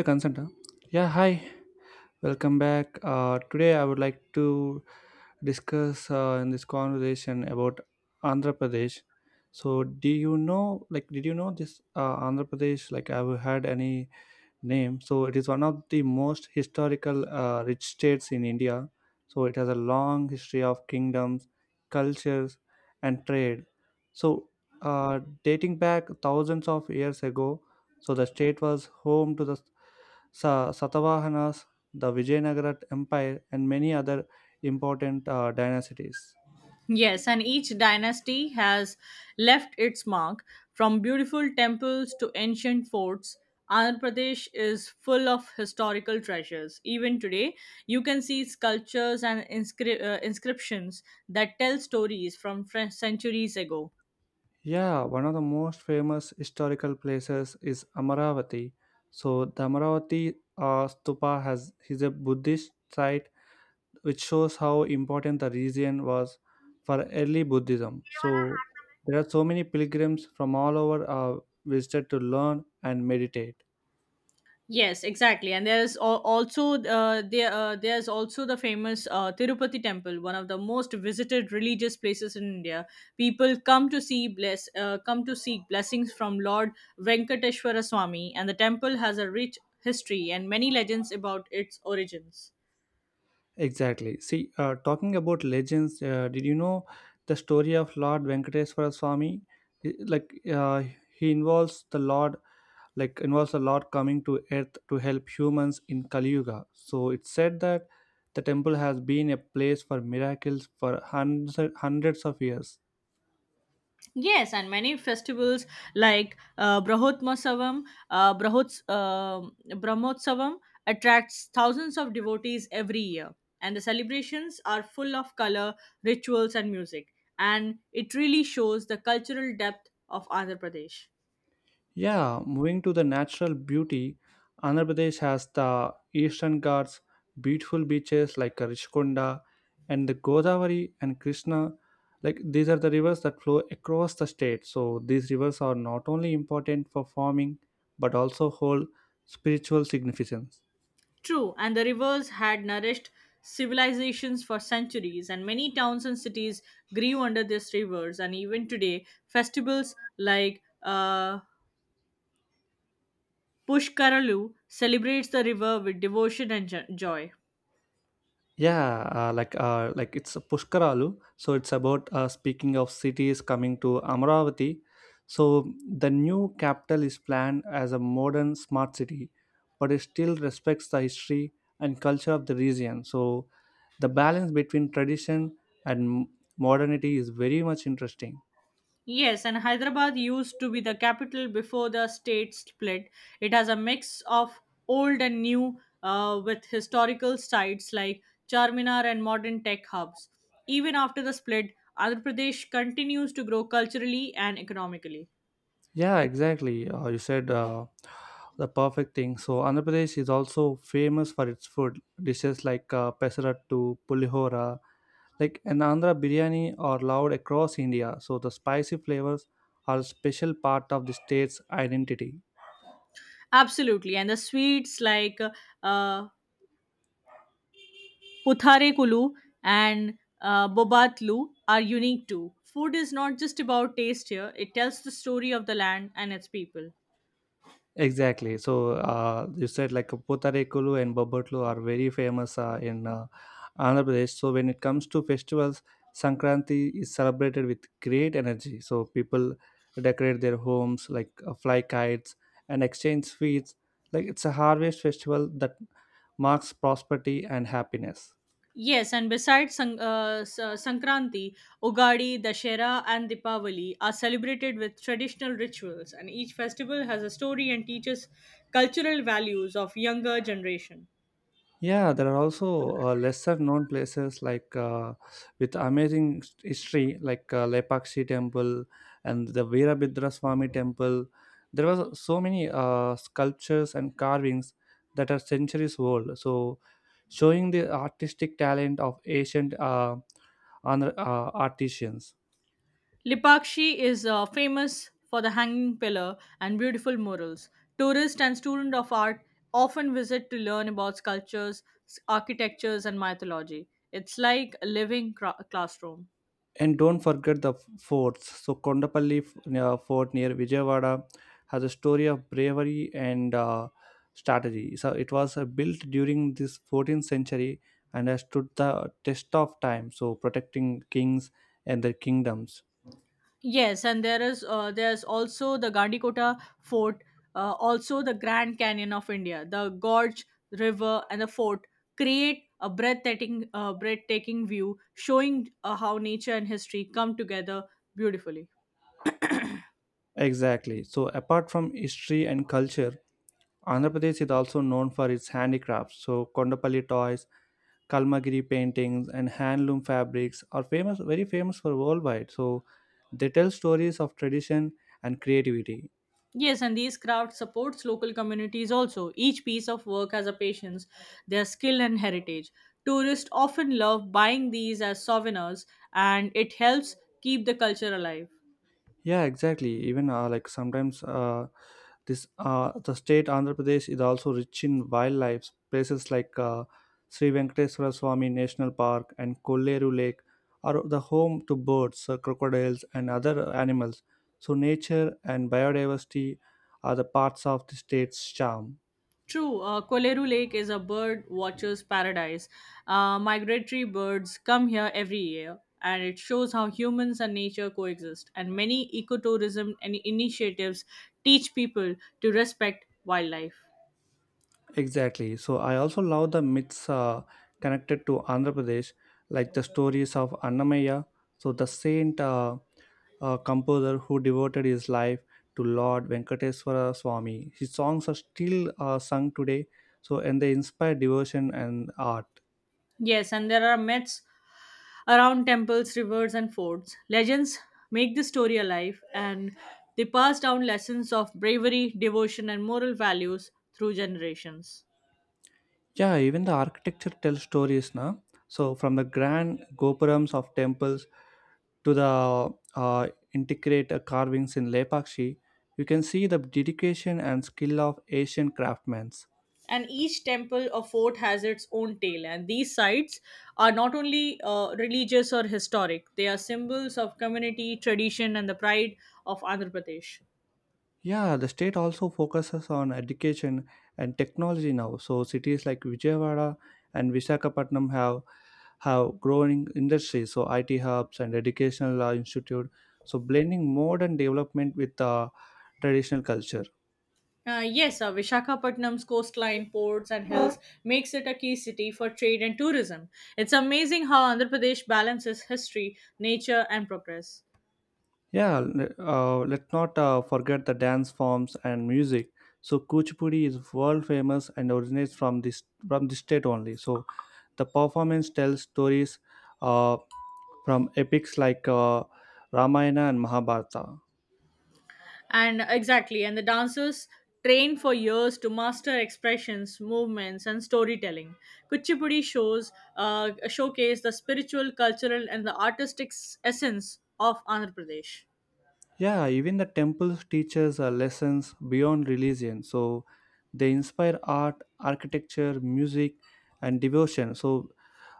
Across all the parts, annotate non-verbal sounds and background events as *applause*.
The consent. Huh? Yeah, hi. Welcome back. Today I would like to discuss in this conversation about Andhra Pradesh. So, do you know, like, did you know this Andhra Pradesh? Like, have you had any name. So it is one of the most historical rich states in India. So it has a long history of kingdoms, cultures, and trade. So dating back thousands of years ago, so the state was home to the Satavahanas, the Vijayanagara Empire, and many other important dynasties. Yes, and each dynasty has left its mark. From beautiful temples to ancient forts, Andhra Pradesh is full of historical treasures. Even today, you can see sculptures and inscriptions that tell stories from centuries ago. Yeah, one of the most famous historical places is Amaravati. So the Amaravati stupa has is a Buddhist site which shows how important the region was for early Buddhism. So there are so many pilgrims from all over visited to learn and meditate. Yes, exactly, and there's also the famous Tirupati temple, one of the most visited religious places in India. People come to seek blessings from Lord Venkateshwara Swami, and the temple has a rich history and many legends about its origins. Exactly. See, talking about legends, did you know the story of Lord Venkateswara Swami? Like, he involves the Lord like involves a lot coming to earth to help humans in Kali Yuga. So it's said that the temple has been a place for miracles for hundreds, hundreds of years. Yes, and many festivals like uh, Brahots, uh, Brahmotsavam attracts thousands of devotees every year, and the celebrations are full of color, rituals, and music. And it really shows the cultural depth of Andhra Pradesh. Yeah, moving to the natural beauty, Andhra Pradesh has the Eastern Ghats, beautiful beaches like Rishkonda and the Godavari and Krishna. Like these are the rivers that flow across the state. So these rivers are not only important for farming but also hold spiritual significance. True, and the rivers had nourished civilizations for centuries, and many towns and cities grew under these rivers. And even today, festivals like Pushkaralu celebrates the river with devotion and joy. Yeah, like it's Pushkaralu. So it's about speaking of cities coming to Amaravati. So the new capital is planned as a modern smart city, but it still respects the history and culture of the region. So the balance between tradition and modernity is very much interesting. Yes, and Hyderabad used to be the capital before the state split. It has a mix of old and new with historical sites like Charminar and modern tech hubs. Even after the split, Andhra Pradesh continues to grow culturally and economically. Yeah, exactly. You said the perfect thing. So Andhra Pradesh is also famous for its food dishes like pesarattu, pulihora, like an Andhra biryani are loved across India. So the spicy flavors are a special part of the state's identity. Absolutely, and the sweets like uh, Putharekulu and Bobatlu are unique too. Food is not just about taste here, it tells the story of the land and its people. Exactly. So you said like Potarekulu and Bobbotlu are very famous in Andhra Pradesh. So when it comes to festivals, Sankranti is celebrated with great energy. So people decorate their homes, fly kites and exchange sweets. Like it's a harvest festival that marks prosperity and happiness. Yes, and besides Sankranti, Ugadi, Dashera, and Dipavali are celebrated with traditional rituals, and each festival has a story and teaches cultural values of younger generation. Yeah, there are also lesser known places with amazing history, like Lepakshi Temple and the Veerabhadra Swami Temple. There was so many sculptures and carvings that are centuries old. So, showing the artistic talent of ancient artisans. Lipakshi is famous for the hanging pillar and beautiful murals. Tourists and students of art often visit to learn about sculptures, architectures, and mythology. It's like a living classroom. And don't forget the forts. So Kondapalli fort near Vijayawada has a story of bravery and strategy. So it was built during this 14th century and has stood the test of time. So protecting kings and their kingdoms. Yes, and there's also the Gandikota Fort, also the Grand Canyon of India. The gorge, river, and the fort create a breathtaking view, showing how nature and history come together beautifully. Exactly. So apart from history and culture, Andhra Pradesh is also known for its handicrafts, so Kondapalli toys, Kalmagiri paintings, and handloom fabrics are famous, very famous for worldwide. So they tell stories of tradition and creativity. Yes, and these crafts supports local communities also. Each piece of work has a patience, their skill and heritage. Tourists often love buying these as souvenirs and it helps keep the culture alive. Yeah, exactly. Even like sometimes this the state Andhra Pradesh is also rich in wildlife. Places like Sri Venkateswara Swami National Park and Kolleru Lake are the home to birds, crocodiles, and other animals. So nature and biodiversity are the parts of the state's charm. True, Koleru Lake is a bird watcher's paradise. Migratory birds come here every year and it shows how humans and nature coexist and many ecotourism and initiatives teach people to respect wildlife. Exactly. So I also love the myths connected to Andhra Pradesh, like the stories of Annamaya, so the saint composer who devoted his life to Lord Venkateswara Swami. His songs are still sung today, so and they inspire devotion and art. Yes, and there are myths around temples, rivers, and forts. Legends make the story alive and they pass down lessons of bravery, devotion, and moral values through generations. Yeah, even the architecture tells stories now. So from the grand gopurams of temples to the uh, intricate carvings in Lepakshi, you can see the dedication and skill of Asian craftsmen. And each temple or fort has its own tale, and these sites are not only religious or historic, they are symbols of community, tradition, and the pride of Andhra Pradesh. Yeah, the state also focuses on education and technology now. So cities like Vijayawada and Visakhapatnam have growing industries, so IT hubs and educational institute. So blending modern development with traditional culture. Yes, Vishakhapatnam's coastline, ports, and hills makes it a key city for trade and tourism. It's amazing how Andhra Pradesh balances history, nature, and progress. Yeah, let's not forget the dance forms and music. So Kuchipudi is world famous and originates from this from the state only. So the performance tells stories uh, from epics like Ramayana and Mahabharata. And exactly, and the dancers train for years to master expressions, movements, and storytelling. Kuchipudi shows showcase the spiritual, cultural, and the artistic essence of Andhra Pradesh. Yeah, even the temples teaches lessons beyond religion. So they inspire art, architecture, music, and devotion. So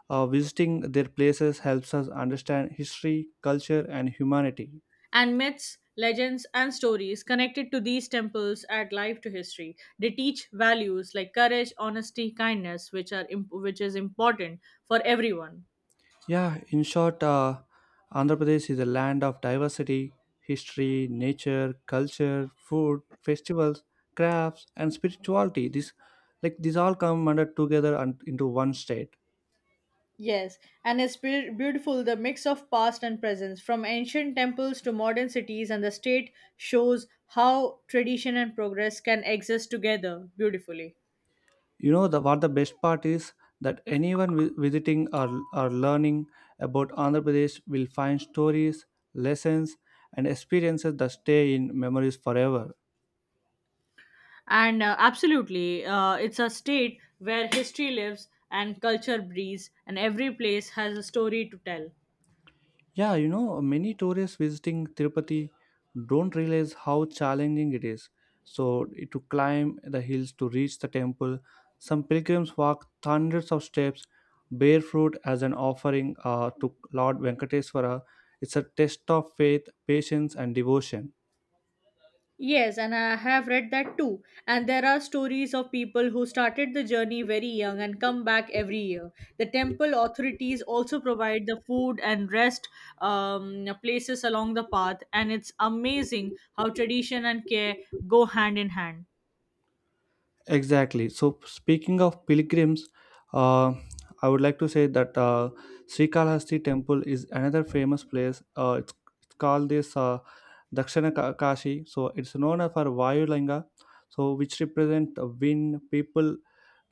visiting their places helps us understand history, culture, and humanity. And myths, legends, and stories connected to these temples add life to history. They teach values like courage, honesty, kindness, which which is important for everyone. Yeah, in short, Andhra Pradesh is a land of diversity, history, nature, culture, food, festivals, crafts, and spirituality. This, like these, all come under together and into one state. Yes, and it's beautiful the mix of past and present, from ancient temples to modern cities, and the state shows how tradition and progress can exist together beautifully. You know the what the best part is that anyone visiting or learning about Andhra Pradesh will find stories, lessons, and experiences that stay in memories forever. And absolutely, it's a state where history lives and culture breathes, and every place has a story to tell. Yeah, you know, many tourists visiting Tirupati don't realize how challenging it is. So, to climb the hills to reach the temple, some pilgrims walk hundreds of steps barefoot as an offering to Lord Venkateswara. It's a test of faith, patience, and devotion. Yes, and I have read that too. And there are stories of people who started the journey very young and come back every year. The temple authorities also provide the food and rest places along the path, and it's amazing how tradition and care go hand in hand. Exactly. So speaking of pilgrims, uh, I would like to say that Srikalahasti temple is another famous place. It's called this Dakshina Kashi. So it's known for Vayulinga, so which represent a wind. People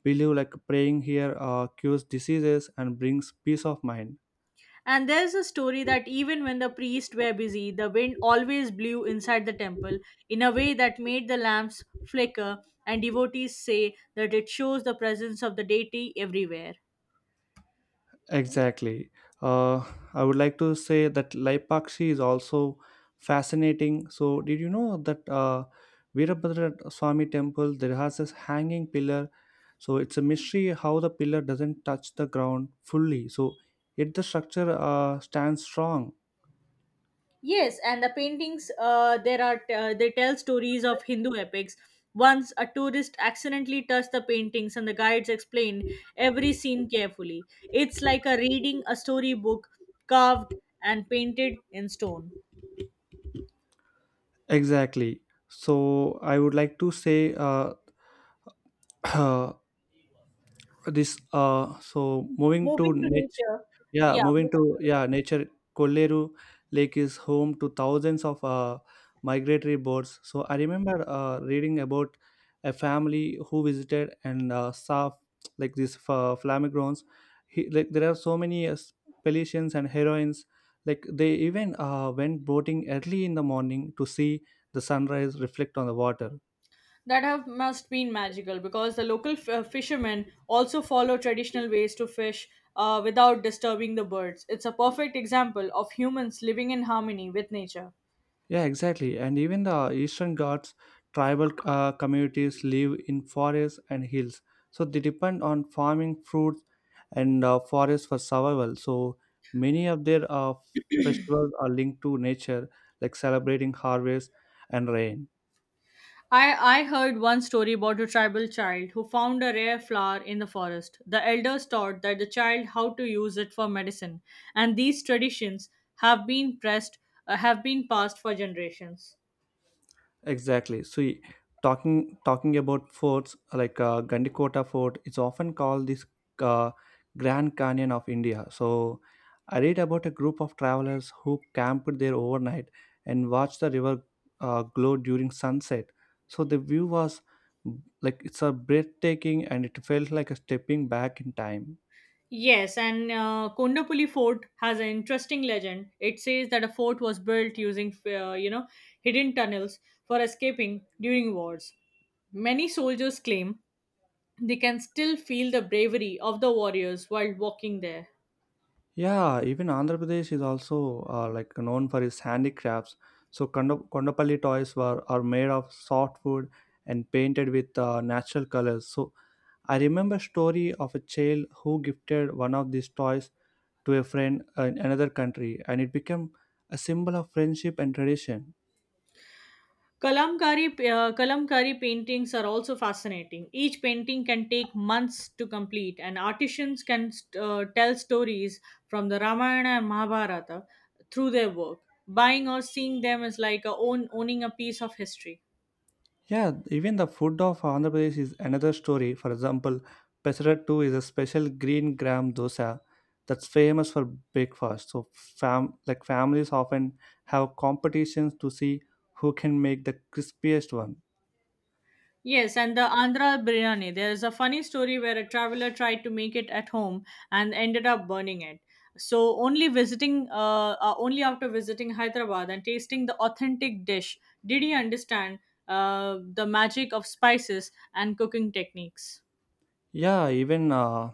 believe like praying here cures diseases and brings peace of mind. And there's a story that even when the priests were busy, the wind always blew inside the temple in a way that made the lamps flicker, and devotees say that it shows the presence of the deity everywhere. Exactly. Uh, I would like to say that Laipakshi is also fascinating. So, did you know that Virabhadra Swami temple there has this hanging pillar? So it's a mystery how the pillar doesn't touch the ground fully. So yet the structure stands strong. Yes, and the paintings there are they tell stories of Hindu epics. Once a tourist accidentally touched the paintings, and the guides explained every scene carefully. It's like a reading a storybook carved and painted in stone. Exactly. So I would like to say *coughs* *clears throat* this. So moving to Moving to niche. nature, Yeah, yeah, moving to moving to yeah, nature Kolleru Lake is home to thousands of migratory birds. So I remember reading about a family who visited and saw like these flamingos. He, like there are so many pelicans and heroines. Like they even went boating early in the morning to see the sunrise reflect on the water. that have must been magical because the local fishermen also follow traditional ways to fish without disturbing the birds. It's a perfect example of humans living in harmony with nature. Yeah, exactly. And even the Eastern Ghats tribal communities live in forests and hills. So they depend on farming fruits and forests for survival. So many of their festivals are linked to nature, like celebrating harvest and rain. I heard one story about a tribal child who found a rare flower in the forest. The elders taught that the child how to use it for medicine, and these traditions have been pressed have been passed for generations. Exactly. See, talking about forts like Gandikota Fort, it's often called this uh, Grand Canyon of India. So, I read about a group of travelers who camped there overnight and watched the river glow during sunset. So the view was like it's a breathtaking, and it felt like a stepping back in time. Yes, and Kondapuli Fort has an interesting legend. It says that a fort was built using you know hidden tunnels for escaping during wars. Many soldiers claim they can still feel the bravery of the warriors while walking there. Yeah, even Andhra Pradesh is also like known for its handicrafts. So Kondapalli toys were are made of soft wood and painted with natural colors. So I remember story of a child who gifted one of these toys to a friend in another country, and it became a symbol of friendship and tradition. Kalamkari, Kalamkari paintings are also fascinating. Each painting can take months to complete, and artisans can tell stories from the Ramayana and Mahabharata through their work. Buying or seeing them is like owning a piece of history. Yeah, even the food of Andhra Pradesh is another story. For example, Pesarattu is a special green gram dosa that's famous for breakfast. So, like families often have competitions to see who can make the crispiest one. Yes, and the Andhra biryani. There is a funny story where a traveler tried to make it at home and ended up burning it. Only after visiting Hyderabad and tasting the authentic dish, did he understand the magic of spices and cooking techniques. Yeah, even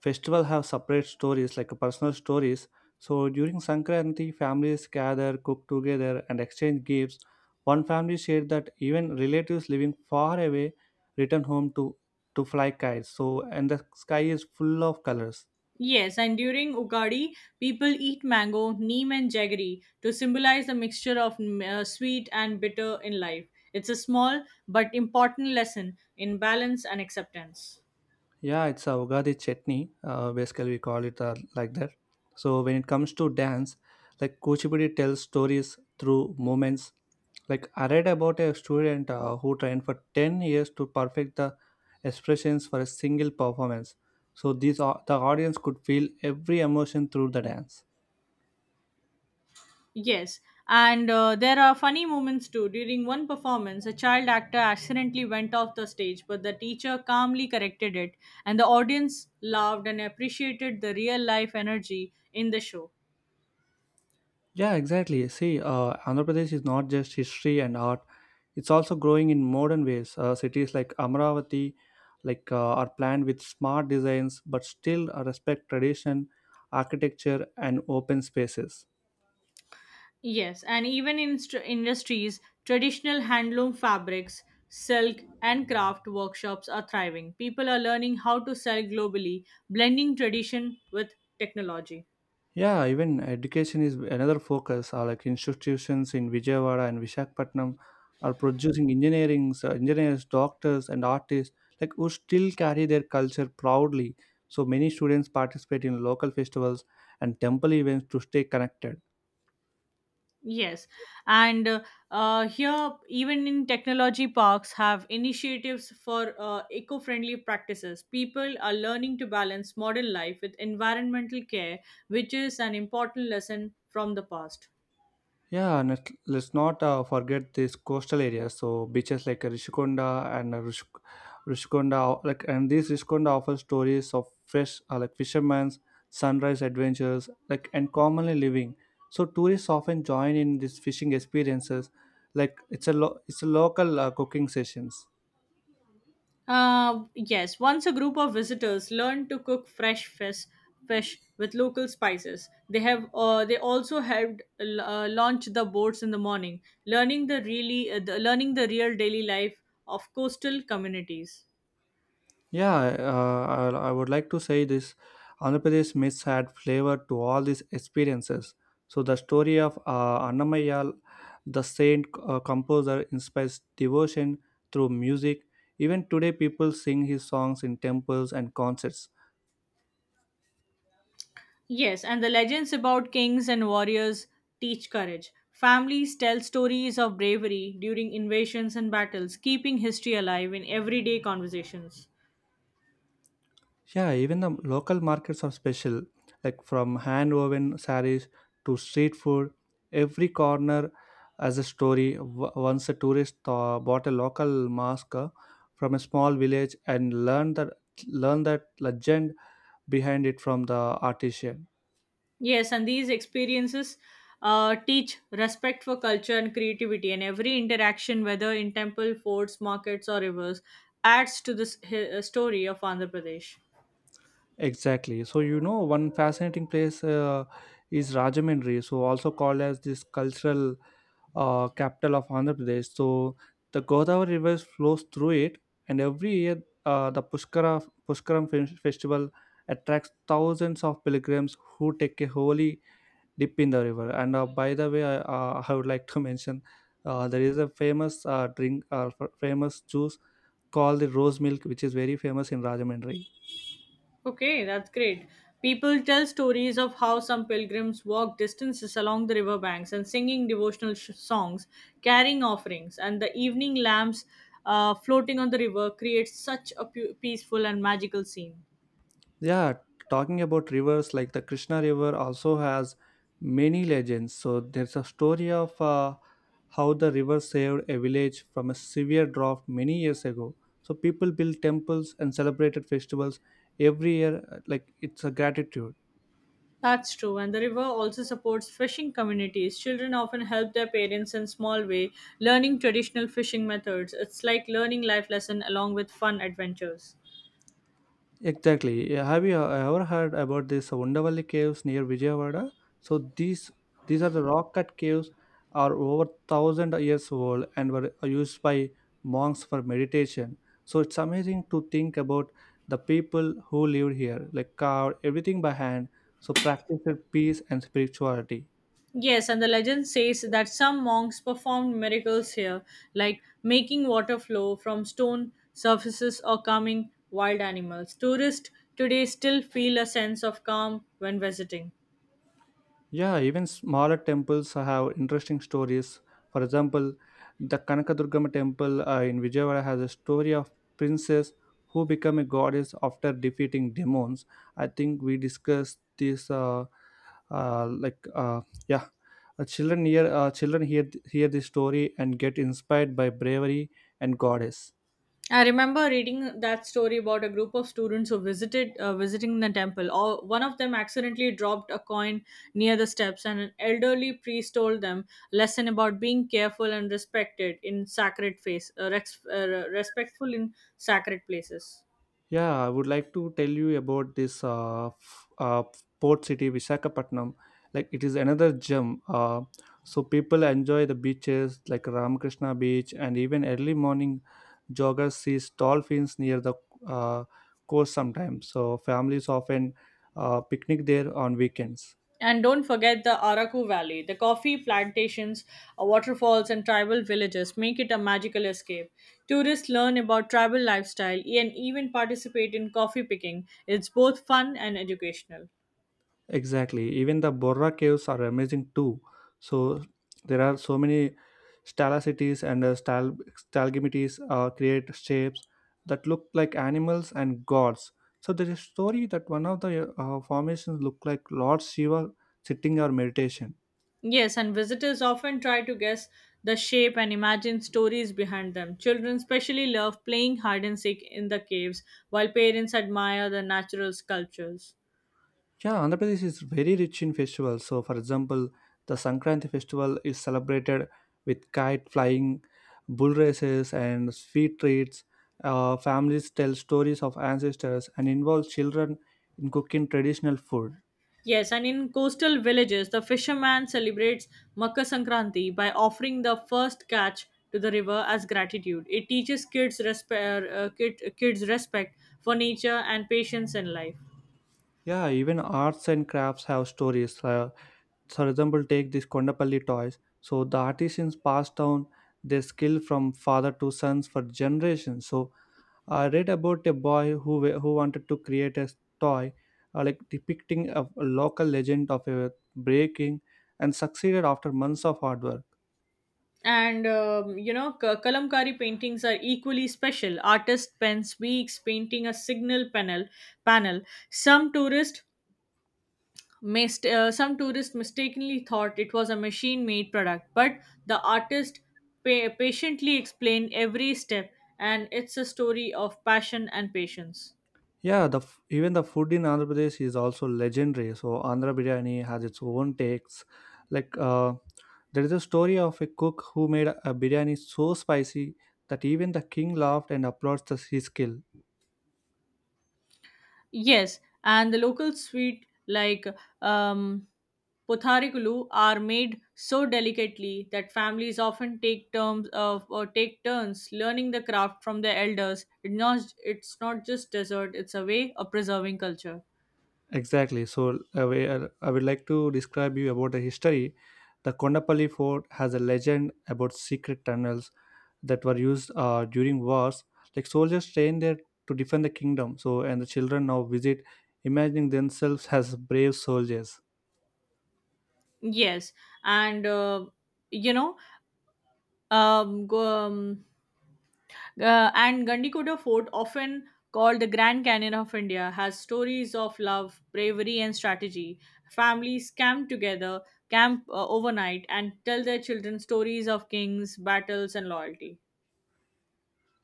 festival have separate stories like personal stories. So during Sankranti, families gather, cook together, and exchange gifts. One family shared that even relatives living far away return home to fly kites. So and the sky is full of colors. Yes, and during Ugadi, people eat mango, neem, and jaggery to symbolize the mixture of sweet and bitter in life. It's a small but important lesson in balance and acceptance. Yeah, it's a Ugadi chutney. Basically, we call it like that. So when it comes to dance, like Kuchipudi tells stories through movements. Like I read about a student who trained for 10 years to perfect the expressions for a single performance. So these the audience could feel every emotion through the dance. Yes, and there are funny moments too. During one performance, a child actor accidentally went off the stage, but the teacher calmly corrected it, and the audience laughed and appreciated the real life energy in the show. Yeah, exactly. See, Andhra Pradesh is not just history and art; it's also growing in modern ways. Cities like Amravati, are planned with smart designs, but still respect tradition, architecture, and open spaces. Yes, and even in industries, traditional handloom fabrics, silk, and craft workshops are thriving. People are learning how to sell globally, blending tradition with technology. Yeah, even education is another focus. Like institutions in Vijayawada and Visakhapatnam are producing engineers, engineers, doctors, and artists like who still carry their culture proudly. So many students participate in local festivals and temple events to stay connected. Yes, and here even in technology parks have initiatives for eco-friendly practices. People are learning to balance modern life with environmental care, which is an important lesson from the past. Yeah, and let's not forget these coastal areas. So beaches like Rishikonda and Rishikonda, like and these Rishikonda offer stories of fresh, like fishermen's sunrise adventures, like and commonly living. So tourists often join in these fishing experiences, it's a local cooking sessions. Yes, once a group of visitors learned to cook fresh fish with local spices. They have they also helped launch the boats in the morning, learning the learning the real daily life of coastal communities. Yeah, I would like to say this Andhra Pradesh myths had flavor to all these experiences. So the story of Annamayal, the saint composer, inspires devotion through music. Even today, people sing his songs in temples and concerts. Yes, and the legends about kings and warriors teach courage. Families tell stories of bravery during invasions and battles, keeping history alive in everyday conversations. Yeah, even the local markets are special, like from hand woven saris to street food. Every corner has a story. Once a tourist bought a local mask from a small village and learned that legend behind it from the artisan. Yes, and these experiences teach respect for culture and creativity, and every interaction, whether in temple, forts, markets, or rivers, adds to this story of Andhra Pradesh. Exactly. So you know, one fascinating place is Rajahmundry, so also called as this cultural capital of Andhra Pradesh. So the Godavari River flows through it, and every year the Festival attracts thousands of pilgrims who take a holy dip in the river. And by the way, I would like to mention there is a famous drink, famous juice called the rose milk, which is very famous in Rajahmundry. Okay, that's great. People tell stories of how some pilgrims walked distances along the riverbanks and singing devotional songs, carrying offerings, and the evening lamps floating on the river creates such a peaceful and magical scene. Yeah, talking about rivers, like the Krishna River also has many legends. So there's a story of how the river saved a village from a severe drought many years ago. So people built temples and celebrated festivals every year, like it's a gratitude. That's true, and the river also supports fishing communities. Children often help their parents in small way, learning traditional fishing methods. It's like learning life lesson along with fun adventures. Exactly. Yeah, have you ever heard about this Wondervalli caves near Vijayawada? So these are the rock cut caves are over thousand years old and were used by monks for meditation. So it's amazing to think about the people who lived here, like carved everything by hand, so practiced peace and spirituality. Yes, and the legend says that some monks performed miracles here, like making water flow from stone surfaces or calming wild animals. Tourists today still feel a sense of calm when visiting. Yeah, even smaller temples have interesting stories. For example, the Kanakadurgama temple in Vijayawada has a story of princess who became a goddess after defeating demons. I think we discussed this uh, like uh, yeah, children hear hear this story and get inspired by bravery and goddess. I remember reading that story about a group of students who visited visiting the temple. Or one of them accidentally dropped a coin near the steps, and an elderly priest told them a lesson about being careful and respected in sacred respectful in sacred places. Yeah, I would like to tell you about this port city Visakhapatnam. Like it is another gem. So people enjoy the beaches like Ramakrishna Beach, and even early morning joggers sees dolphins near the uh, coast sometimes. So families often picnic there on weekends. And don't forget the Araku Valley. The coffee plantations, waterfalls, and tribal villages make it a magical escape. Tourists learn about tribal lifestyle and even participate in coffee picking. It's both fun and educational. Exactly. Even the Borra caves are amazing too. So there are so many stalactites and stalagmites create shapes that look like animals and gods. So there is a story that one of the formations look like Lord Shiva sitting or meditation. Yes, and visitors often try to guess the shape and imagine stories behind them. Children especially love playing hide and seek in the caves, while parents admire the natural sculptures. Yeah, Andhra Pradesh is very rich in festivals. So, for example, the Sankranti festival is celebrated with kite flying, bull races, and sweet treats. Families tell stories of ancestors and involve children in cooking traditional food. Yes, and in coastal villages, the fisherman celebrates Makar Sankranti by offering the first catch to the river as gratitude. It teaches kids respect for nature and patience in life. Yeah, even arts and crafts have stories. For example, take these Kondapalli toys. So, the artisans pass down their skill from father to sons for generations. So, I read about a boy who who wanted to create a toy like depicting a local legend of a breaking and succeeded after months of hard work. And you know, kalamkari paintings are equally special. Artist pens weeks painting a signal panel. Panel. Some tourists some tourists mistakenly thought it was a machine made product, but the artist patiently explained every step, and it's a story of passion and patience. Yeah, the even the food in Andhra Pradesh is also legendary. So Andhra biryani has its own takes. Like uh, there is a story of a cook who made a biryani so spicy that even the king laughed and applauds his skill. Yes, and the local sweet like um, potharikulu are made so delicately that families often take terms of or take turns learning the craft from their elders. It's not just dessert; it's a way of preserving culture. Exactly. So I would like to describe you about the history. The Kondapalli Fort has a legend about secret tunnels that were used during wars. Like soldiers trained there to defend the kingdom. So and the children now visit, imagining themselves as brave soldiers. Yes, and you know Um, go- um, Gandikoda Fort, often called the Grand Canyon of India, has stories of love, bravery, and strategy. Families camp overnight, and tell their children stories of kings, battles, and loyalty.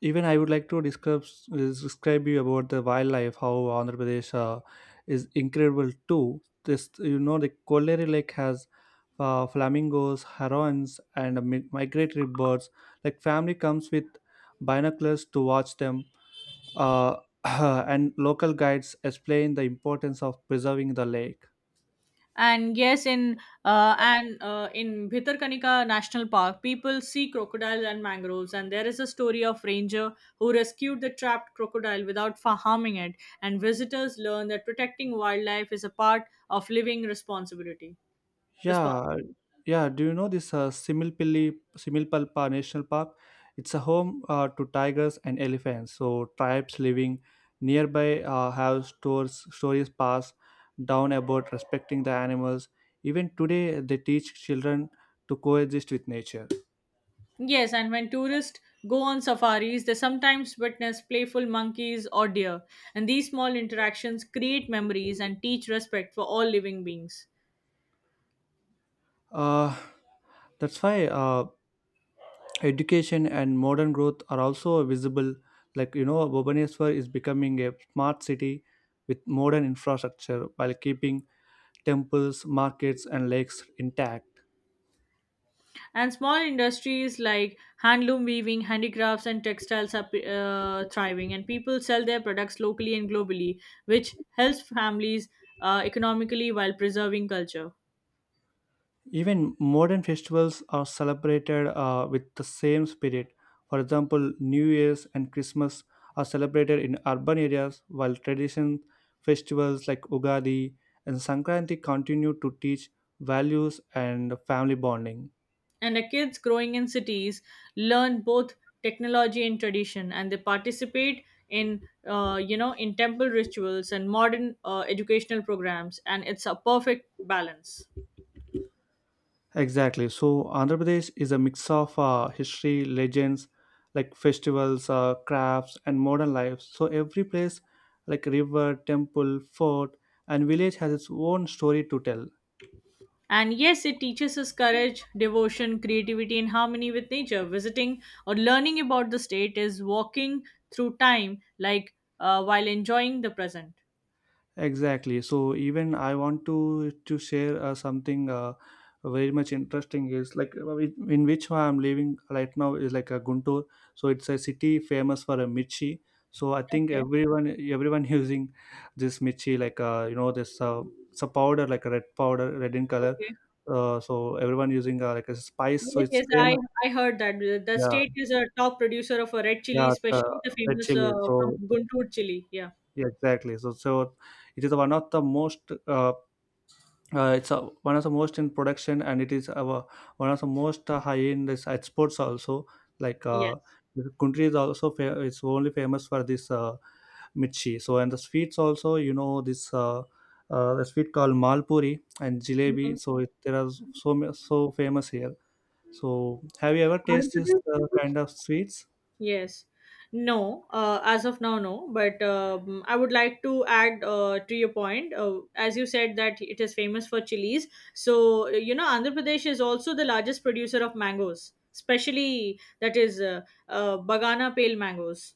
Even I would like to describe you about the wildlife, how Andhra Pradesh is incredible too. This you know the Kolleri Lake has flamingos, herons, and migratory birds. Like family comes with binoculars to watch them, uh, *clears throat* and local guides explain the importance of preserving the lake. And yes, in Bhitarkanika National Park, people see crocodiles and mangroves, and there is a story of ranger who rescued the trapped crocodile without harming it. And visitors learn that protecting wildlife is a part of living responsibility. Yeah, Responsibility. yeah. Do you know this Similpalpa National Park? It's a home to tigers and elephants. So tribes living nearby stories passed down about respecting the animals. Even today, they teach children to coexist with nature. Yes, and when tourists go on safaris, they sometimes witness playful monkeys or deer, and these small interactions create memories and teach respect for all living beings. Uh, that's why education and modern growth are also visible, like you know Bhubaneswar is becoming a smart city with modern infrastructure while keeping temples, markets, and lakes intact. And small industries like handloom weaving, handicrafts, and textiles are thriving, and people sell their products locally and globally, which helps families economically while preserving culture. Even modern festivals are celebrated with the same spirit. For example, New Year's and Christmas are celebrated in urban areas while tradition festivals like Ugadi and Sankranti continue to teach values and family bonding. And the kids growing in cities learn both technology and tradition, and they participate in you know in temple rituals and modern educational programs, and it's a perfect balance. Exactly. So Andhra Pradesh is a mix of history, legends, like festivals, crafts, and modern life. So every place, like river, temple, fort, and village, has its own story to tell. And yes, it teaches us courage, devotion, creativity, and harmony with nature. Visiting or learning about the state is walking through time, like while enjoying the present. Exactly. So even I want to share something very much interesting is like in which I'm living right now is like a Guntur. So it's a city famous for a mirchi. So I think Okay. everyone *laughs* using this mirchi like you know this it's a powder like a red powder red in color. Okay. So everyone using like a spice. So Yes, it's yes, famous. I heard that. The Yeah, state is a top producer of a red yeah, chili, especially the red famous chili. So from Guntur chili. Yeah. yeah, exactly. So it is one of the most it's one of the most in production, and it is our one of the most high end. This exports also like uh, Yes. the country is also it's only famous for this mirchi. So and the sweets also, you know this the sweet called malpuri and jalebi. Mm-hmm. So it, there are so famous here. So have you ever tasted this kind of sweets? Yes. No, as of now, no. But I would like to add to your point, as you said that it is famous for chilies. So, you know, Andhra Pradesh is also the largest producer of mangoes, especially that is Bagana pale mangoes.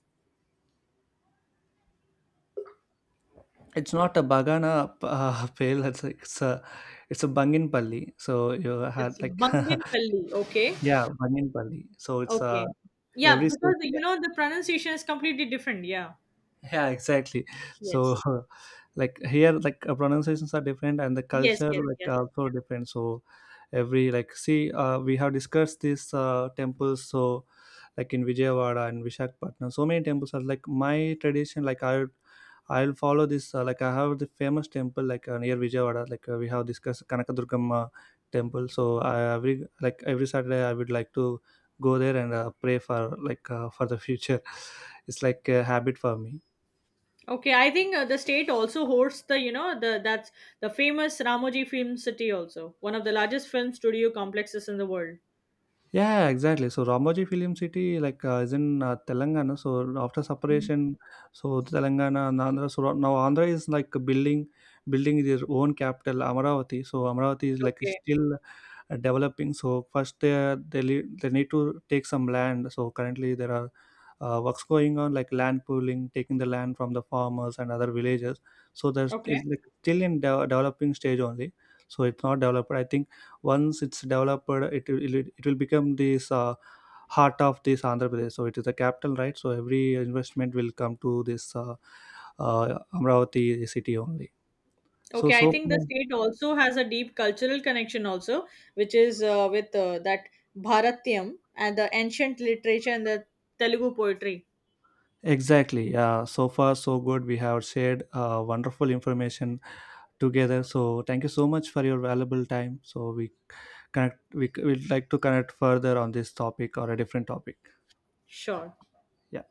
It's not a bagana *laughs* pale, it's a bangin palli. So you It's had like Banginpalli. *laughs* Okay. yeah, bangin palli. So it's a Okay. Yeah, because you yeah, know the pronunciation is completely different. Yeah. yeah, exactly. So Yes. *laughs* like here, like pronunciations are different and the Yes. culture Yes. like Yes. are also different. So every, like, see, we have discussed this temples, so like in Vijayawada and Vishakhapatnam. So many temples are like my tradition. Like I'll follow this. Like I have the famous temple like near Vijayawada. Like we have this Kanakadurgamma temple. So I, every like every Saturday, I would like to go there and pray for like for the future. *laughs* It's like a habit for me. Okay, I think the state also hosts the you know the that's the famous Ramoji Film City also one of the largest film studio complexes in the world. Yeah, exactly. So Ramoji Film City like is in Telangana. So after Mhm. separation, so Telangana and Andhra. So now Andhra is like building their own capital Amaravati. So Amaravati is like Okay, still developing. So first they need to take some land. So currently there are works going on, like land pooling, taking the land from the farmers and other villages. So there's still, okay, like, still in developing stage only. So it's not developed, I think. Once it's developed, it will become this heart of this Andhra Pradesh. So it is the capital, right? So every investment will come to this uh, Amravati city only. So okay. so I think the far, state also has a deep cultural connection also, which is with that Bharatiam and the ancient literature and the Telugu poetry. exactly. So far, so good. We have shared wonderful information together. So thank you so much for your valuable time. So we connect. We will like to connect further on this topic or a different topic. Sure. Yeah.